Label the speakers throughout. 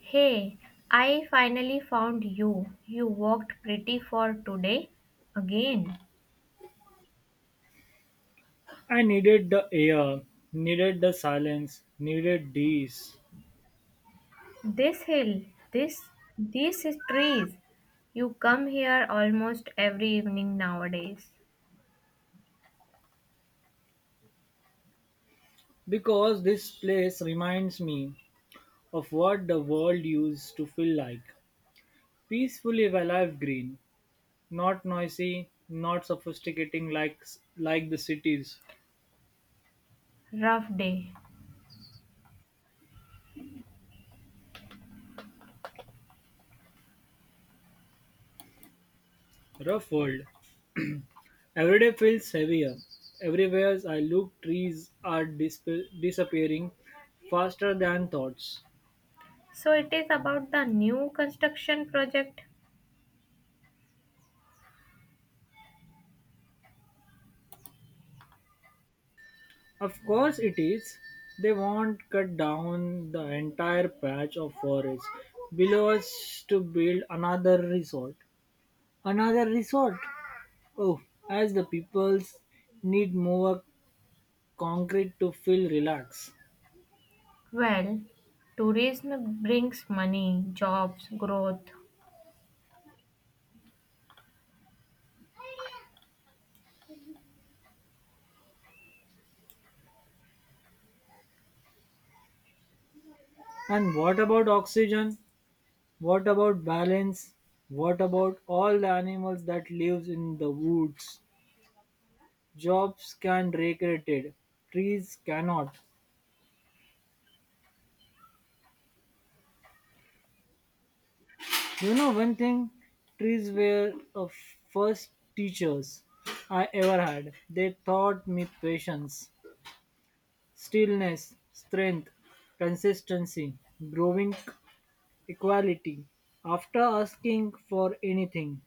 Speaker 1: Hey, I finally found you. You walked pretty far today. Again,
Speaker 2: I needed the air, needed the silence, needed these.
Speaker 1: this hill, this these trees. You come here almost every evening nowadays.
Speaker 2: Because this place reminds me of what the world used to feel like. Peacefully alive green, not noisy, not sophisticating like the cities.
Speaker 1: Rough day.
Speaker 2: Rough world. Every day feels heavier. Everywhere I look, trees are disappearing faster than thoughts.
Speaker 1: So it is about the new construction project.
Speaker 2: Of course it is. They won't cut down the entire patch of forest below us to build another resort. Another resort? Oh, as the peoples need more concrete to feel relaxed.
Speaker 1: Well, tourism brings money, jobs, growth.
Speaker 2: And what about oxygen? What about balance? What about all the animals that lives in the woods? Jobs can recreated, trees cannot. You know one thing, trees were the first teachers I ever had. They taught me patience, stillness, strength, consistency, growing equality. After asking for anything,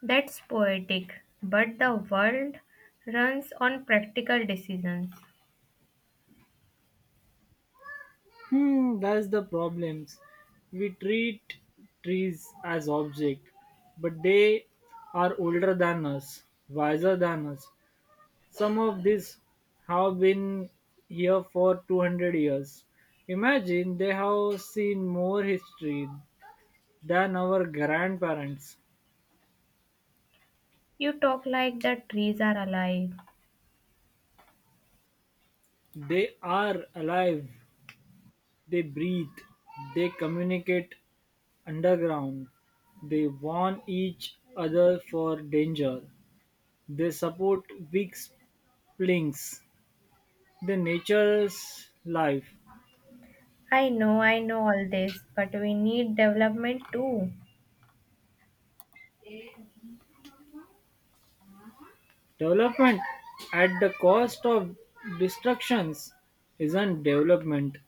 Speaker 1: That's poetic, but the world runs on practical decisions.
Speaker 2: that's the problems. We treat trees as object, but they are older than us, wiser than us, some of these have been here for 200 years. Imagine they have seen more history than our grandparents.
Speaker 1: You talk like the trees are alive.
Speaker 2: They are alive, they breathe, they communicate underground, they warn each other for danger, they support weak links, they nature's life.
Speaker 1: I know all this, but we need development too.
Speaker 2: Development at the cost of destructions isn't development.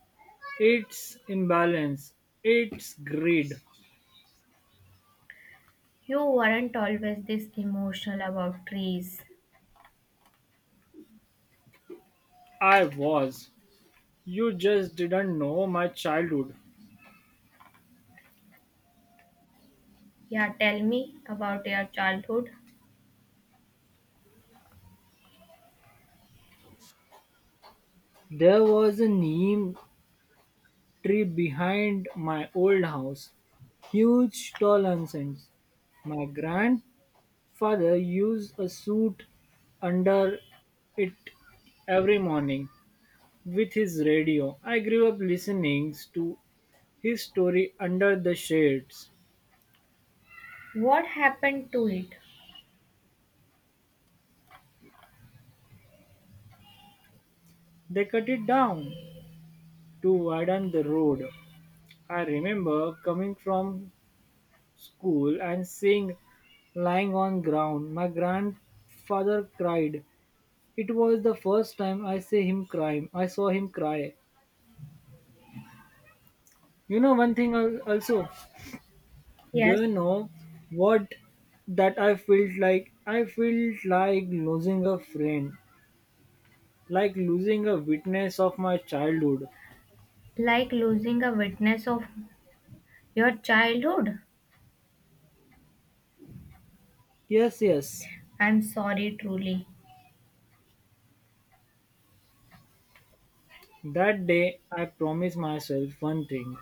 Speaker 2: It's imbalance. It's greed.
Speaker 1: You weren't always this emotional about trees.
Speaker 2: I was. You just didn't know my childhood.
Speaker 1: Yeah, tell me about your childhood.
Speaker 2: There was a neem tree behind my old house. Huge tall nonsense. My grandfather used a suit under it every morning with his radio. I grew up listening to his story under the shades.
Speaker 1: What happened to it?
Speaker 2: They cut it down to widen the road. I remember coming from school and seeing lying on ground. My grandfather cried. It was the first time I see him cry. I saw him cry. You know one thing also. Do
Speaker 1: Yes,
Speaker 2: you know what that I felt like? I felt like losing a friend, like losing a witness of my childhood.
Speaker 1: like losing a witness of your childhood.
Speaker 2: Yes, yes.
Speaker 1: I'm sorry, truly.
Speaker 2: That day I promised myself one thing.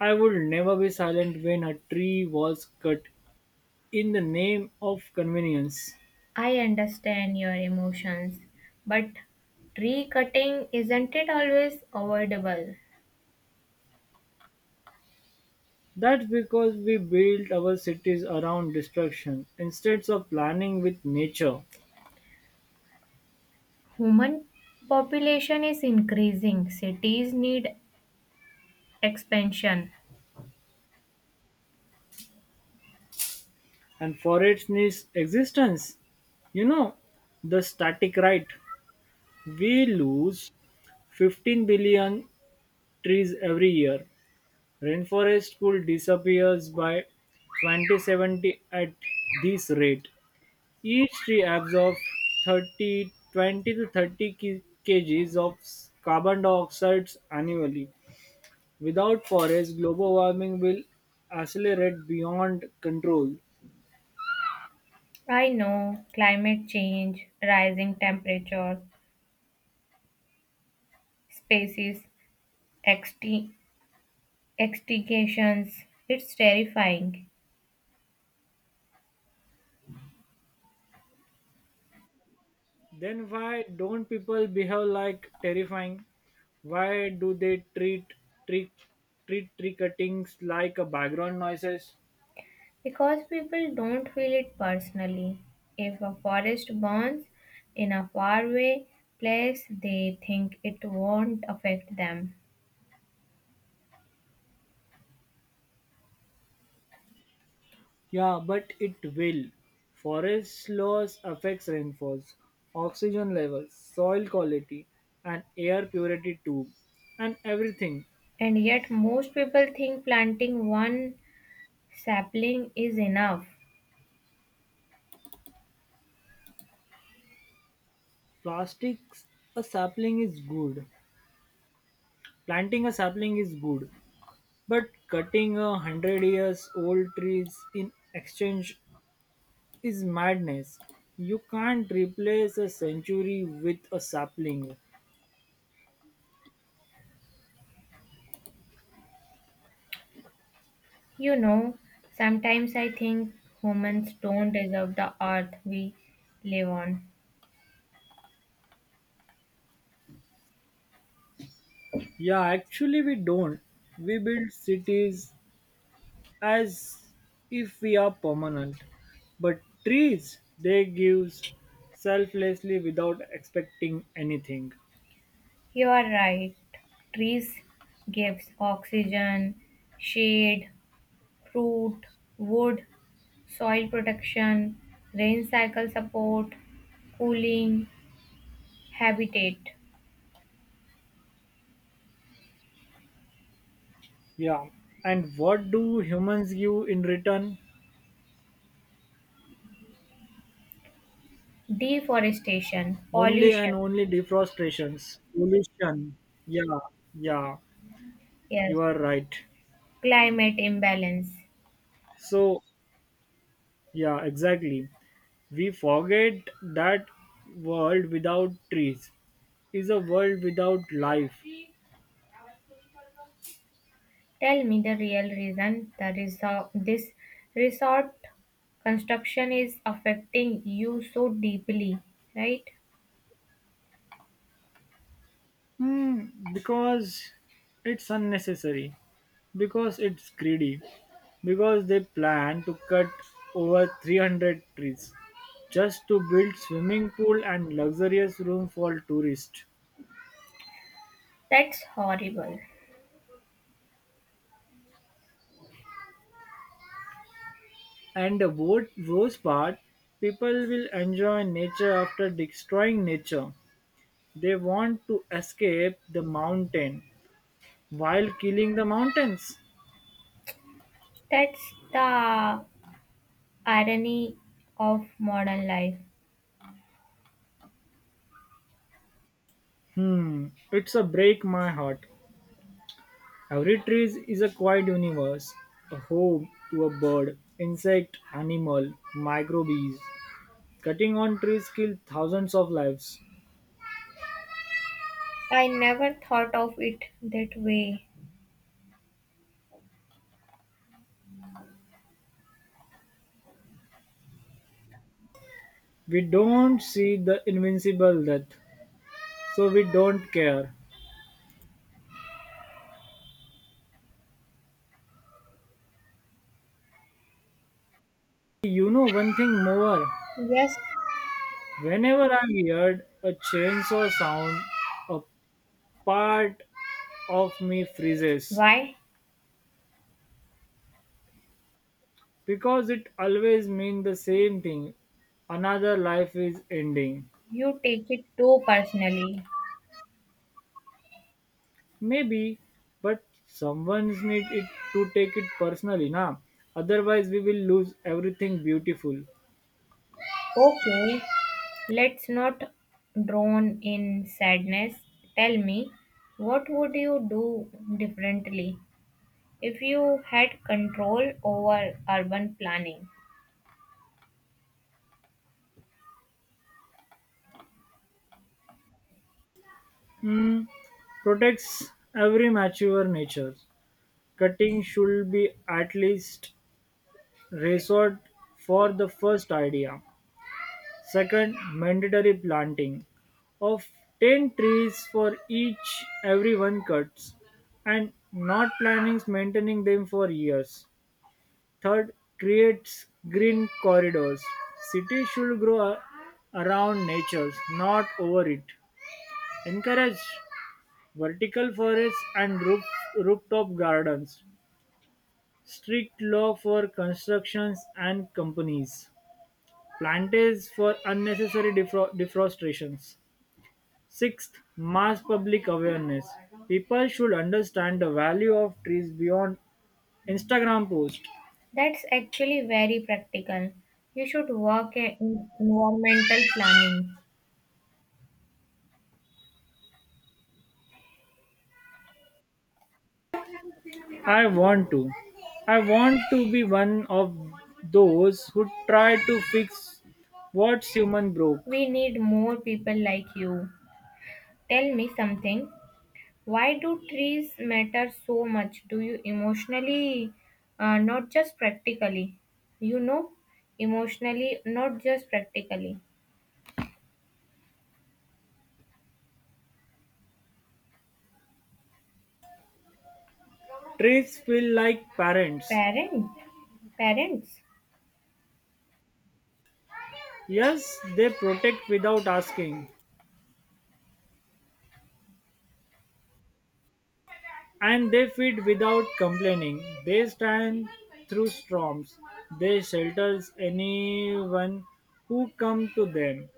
Speaker 2: I would never be silent when a tree was cut in the name of convenience.
Speaker 1: I understand your emotions, but tree cutting isn't it always avoidable?
Speaker 2: That's because we built our cities around destruction instead of planning with nature
Speaker 1: Human population is increasing. Cities need expansion.
Speaker 2: and for its needs existence. You know, the static right. We lose 15 billion trees every year. Rainforest could disappears by 2070 at this rate. Each tree absorbs 30, 20 to 30 kgs of carbon dioxide annually. Without forests, global warming will accelerate beyond control.
Speaker 1: I know climate change, rising temperature, species exti- extinctions. It's terrifying
Speaker 2: Then why don't people behave like terrifying? Why do they tree, treat tree cuttings like a background noises?
Speaker 1: because people don't feel it personally. If a forest burns in a faraway place, they think it won't affect them.
Speaker 2: Yeah, but it will. Forest loss affects rainfalls, oxygen levels, soil quality, and air purity too, and everything.
Speaker 1: And yet, most people think planting one sapling is enough.
Speaker 2: Plastics, a sapling is good. Planting a sapling is good, but cutting a hundred years old trees in exchange is madness. You can't replace a century with a sapling.
Speaker 1: You know, sometimes I think humans don't deserve the earth we live on.
Speaker 2: Yeah, actually, we don't. We build cities as if we are permanent. But trees, they give selflessly without expecting anything.
Speaker 1: You are right. Trees gives oxygen, shade, fruit, wood, soil protection, rain cycle support, cooling, habitat,
Speaker 2: Yeah. And what do humans give in return?
Speaker 1: deforestation,
Speaker 2: Only and
Speaker 1: pollution,
Speaker 2: only deforestations, pollution. Yeah, yeah,
Speaker 1: yes,
Speaker 2: you are right.
Speaker 1: climate imbalance.
Speaker 2: So, yeah, exactly. We forget that world without trees is a world without life.
Speaker 1: Tell me the real reason the this resort construction is affecting you so deeply, right?
Speaker 2: Hmm, because it's unnecessary, because it's greedy, because they plan to cut over 300 trees just to build swimming pool and luxurious room for tourists.
Speaker 1: That's horrible.
Speaker 2: And the worst part, people will enjoy nature after destroying nature. They want to escape the mountain while killing the mountains.
Speaker 1: That's the irony of modern life.
Speaker 2: Hmm, it's a break my heart. Every tree is a quiet universe, a home to a bird, insect, animal, microbes. Cutting on trees kills thousands of lives.
Speaker 1: I never thought of it that way.
Speaker 2: We don't see the invincible death, so we don't care. You know one thing more.
Speaker 1: Yes,
Speaker 2: Whenever I heard a chainsaw sound, a part of me freezes
Speaker 1: why?
Speaker 2: because it always means the same thing. Another life is ending.
Speaker 1: You take it too personally.
Speaker 2: Maybe, but someone's need it to take it personally, na? Otherwise, we will lose everything beautiful.
Speaker 1: Okay, let's not drown in sadness. Tell me, what would you do differently, if you had control over urban planning?
Speaker 2: Hmm. Protects every mature nature. Cutting should be at least resort for the first idea. Second, mandatory planting of 10 trees for each everyone cuts and not planning maintaining them for years. Third, creates green corridors. Cities should grow around nature, not over it. Encourage vertical forests and rooftop gardens. Strict law for constructions and companies. Plantage for unnecessary defrostrations. Sixth, mass public awareness. People should understand the value of trees beyond Instagram post.
Speaker 1: That's actually very practical. You should work in environmental planning.
Speaker 2: I want to. I want to be one of those who try to fix what human broke.
Speaker 1: We need more people like you. Tell me something. Why do trees matter so much? Do you emotionally, not just practically? You know, emotionally, not just practically.
Speaker 2: Trees feel like parents.
Speaker 1: Parent, parents.
Speaker 2: Yes, they protect without asking, and they feed without complaining. They stand through storms. They shelters anyone who come to them.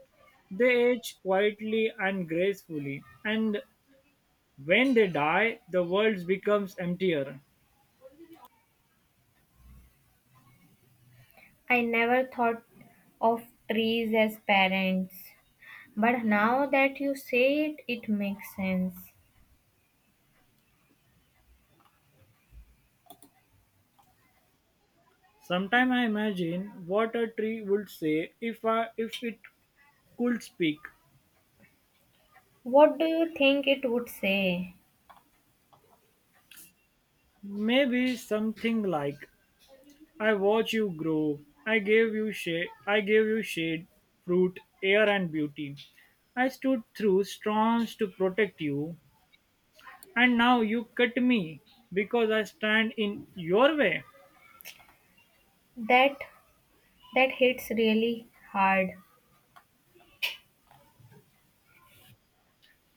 Speaker 2: They age quietly and gracefully, and when they die, the world becomes emptier.
Speaker 1: I never thought of trees as parents. But now that you say it, it makes sense.
Speaker 2: Sometimes I imagine what a tree would say if it could speak.
Speaker 1: What do you think it would say?
Speaker 2: Maybe something like I watch you grow, I gave you shade, fruit, air and beauty. I stood through storms to protect you, and now you cut me because I stand in your way.
Speaker 1: That that hits really hard.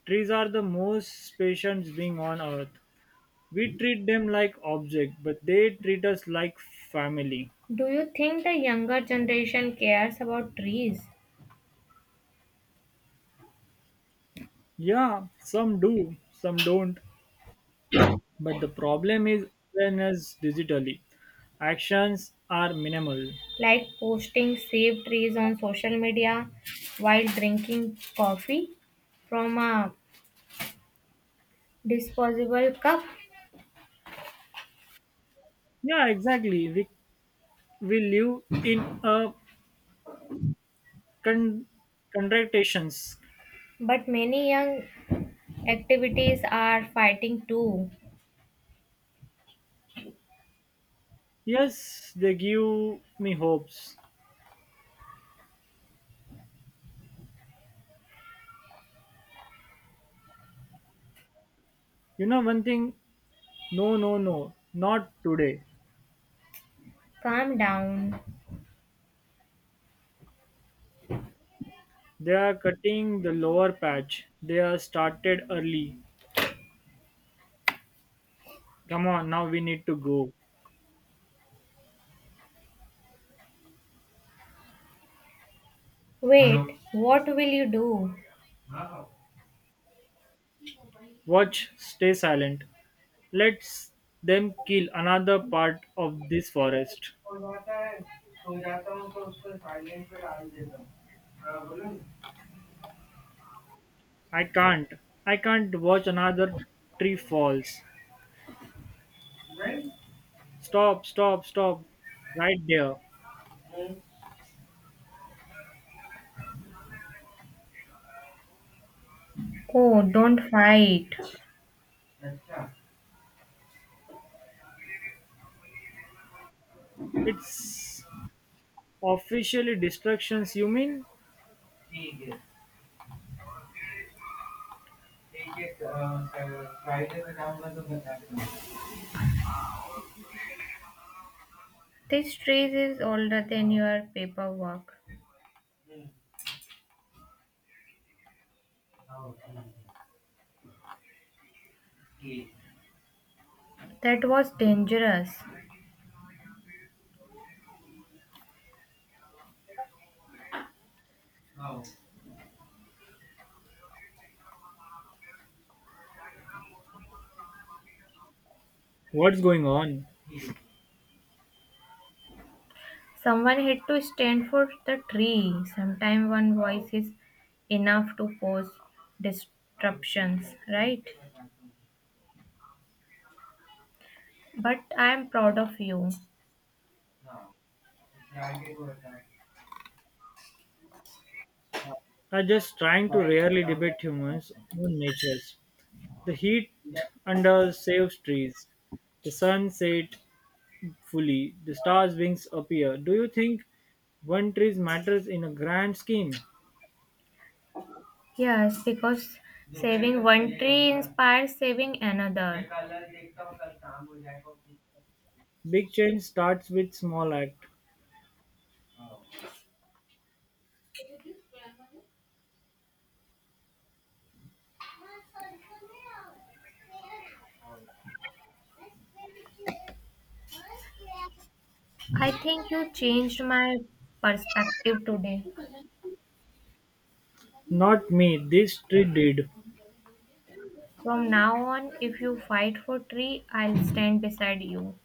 Speaker 2: Trees are the most patient being on earth. We treat them like objects, but they treat us like family.
Speaker 1: Do you think the younger generation cares about trees?
Speaker 2: Yeah, some do, some don't. But the problem is awareness digitally. Actions are minimal.
Speaker 1: Like posting saved trees on social media while drinking coffee from a disposable cup?
Speaker 2: Yeah, exactly. We live in a con- contractations.
Speaker 1: But many young activities are fighting too.
Speaker 2: Yes, they give me hopes. You know one thing? No, no, no, not today.
Speaker 1: Calm down.
Speaker 2: They are cutting the lower patch. They are started early. Come on, now we need to go.
Speaker 1: Wait, what will you do?
Speaker 2: Watch, stay silent. Let them kill another part of this forest. I can't. I can't watch another tree falls. Stop, stop, stop. Right there.
Speaker 1: Oh, don't fight.
Speaker 2: It's officially destructions, you mean?
Speaker 1: This trees is older than your paperwork. That was dangerous.
Speaker 2: What's going on?
Speaker 1: Someone had to stand for the tree. Sometimes one voice is enough to cause disruptions, right? But I am proud of you.
Speaker 2: I'm just trying to rarely debate humans on natures. The heat under saves trees. The sun set fully. The stars' wings appear. Do you think one tree matters in a grand scheme?
Speaker 1: Yes, because saving one tree inspires saving another.
Speaker 2: Big change starts with small act.
Speaker 1: I think you changed my perspective today.
Speaker 2: Not me, this tree did.
Speaker 1: From now on, if you fight for tree, I'll stand beside you.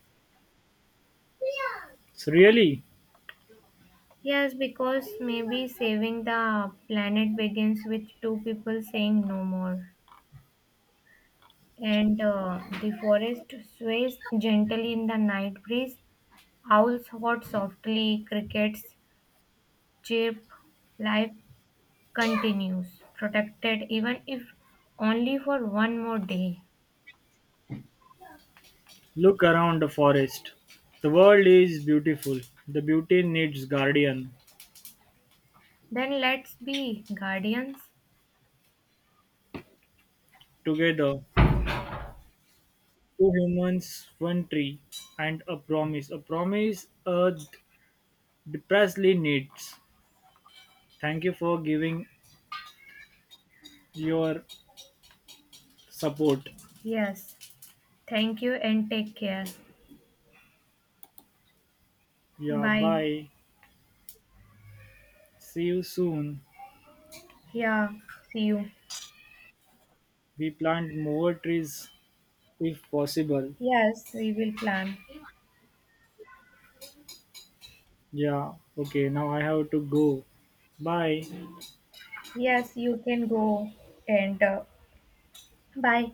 Speaker 2: Really?
Speaker 1: Yes, because maybe saving the planet begins with two people saying no more. And The forest sways gently in the night breeze. Owls hoot softly, crickets chirp. Life continues, protected even if only for one more day.
Speaker 2: Look around the forest. The world is beautiful. The beauty needs guardian.
Speaker 1: Then let's be guardians.
Speaker 2: Together, two humans, one tree, and a promise. A promise Earth desperately needs. Thank you for giving your support.
Speaker 1: Yes, thank you and take care.
Speaker 2: Yeah,
Speaker 1: Bye.
Speaker 2: bye. See you soon.
Speaker 1: Yeah, see you.
Speaker 2: We plant more trees if possible.
Speaker 1: Yes, we will plan.
Speaker 2: Yeah, okay, now I have to go. Bye.
Speaker 1: Yes, you can go and bye.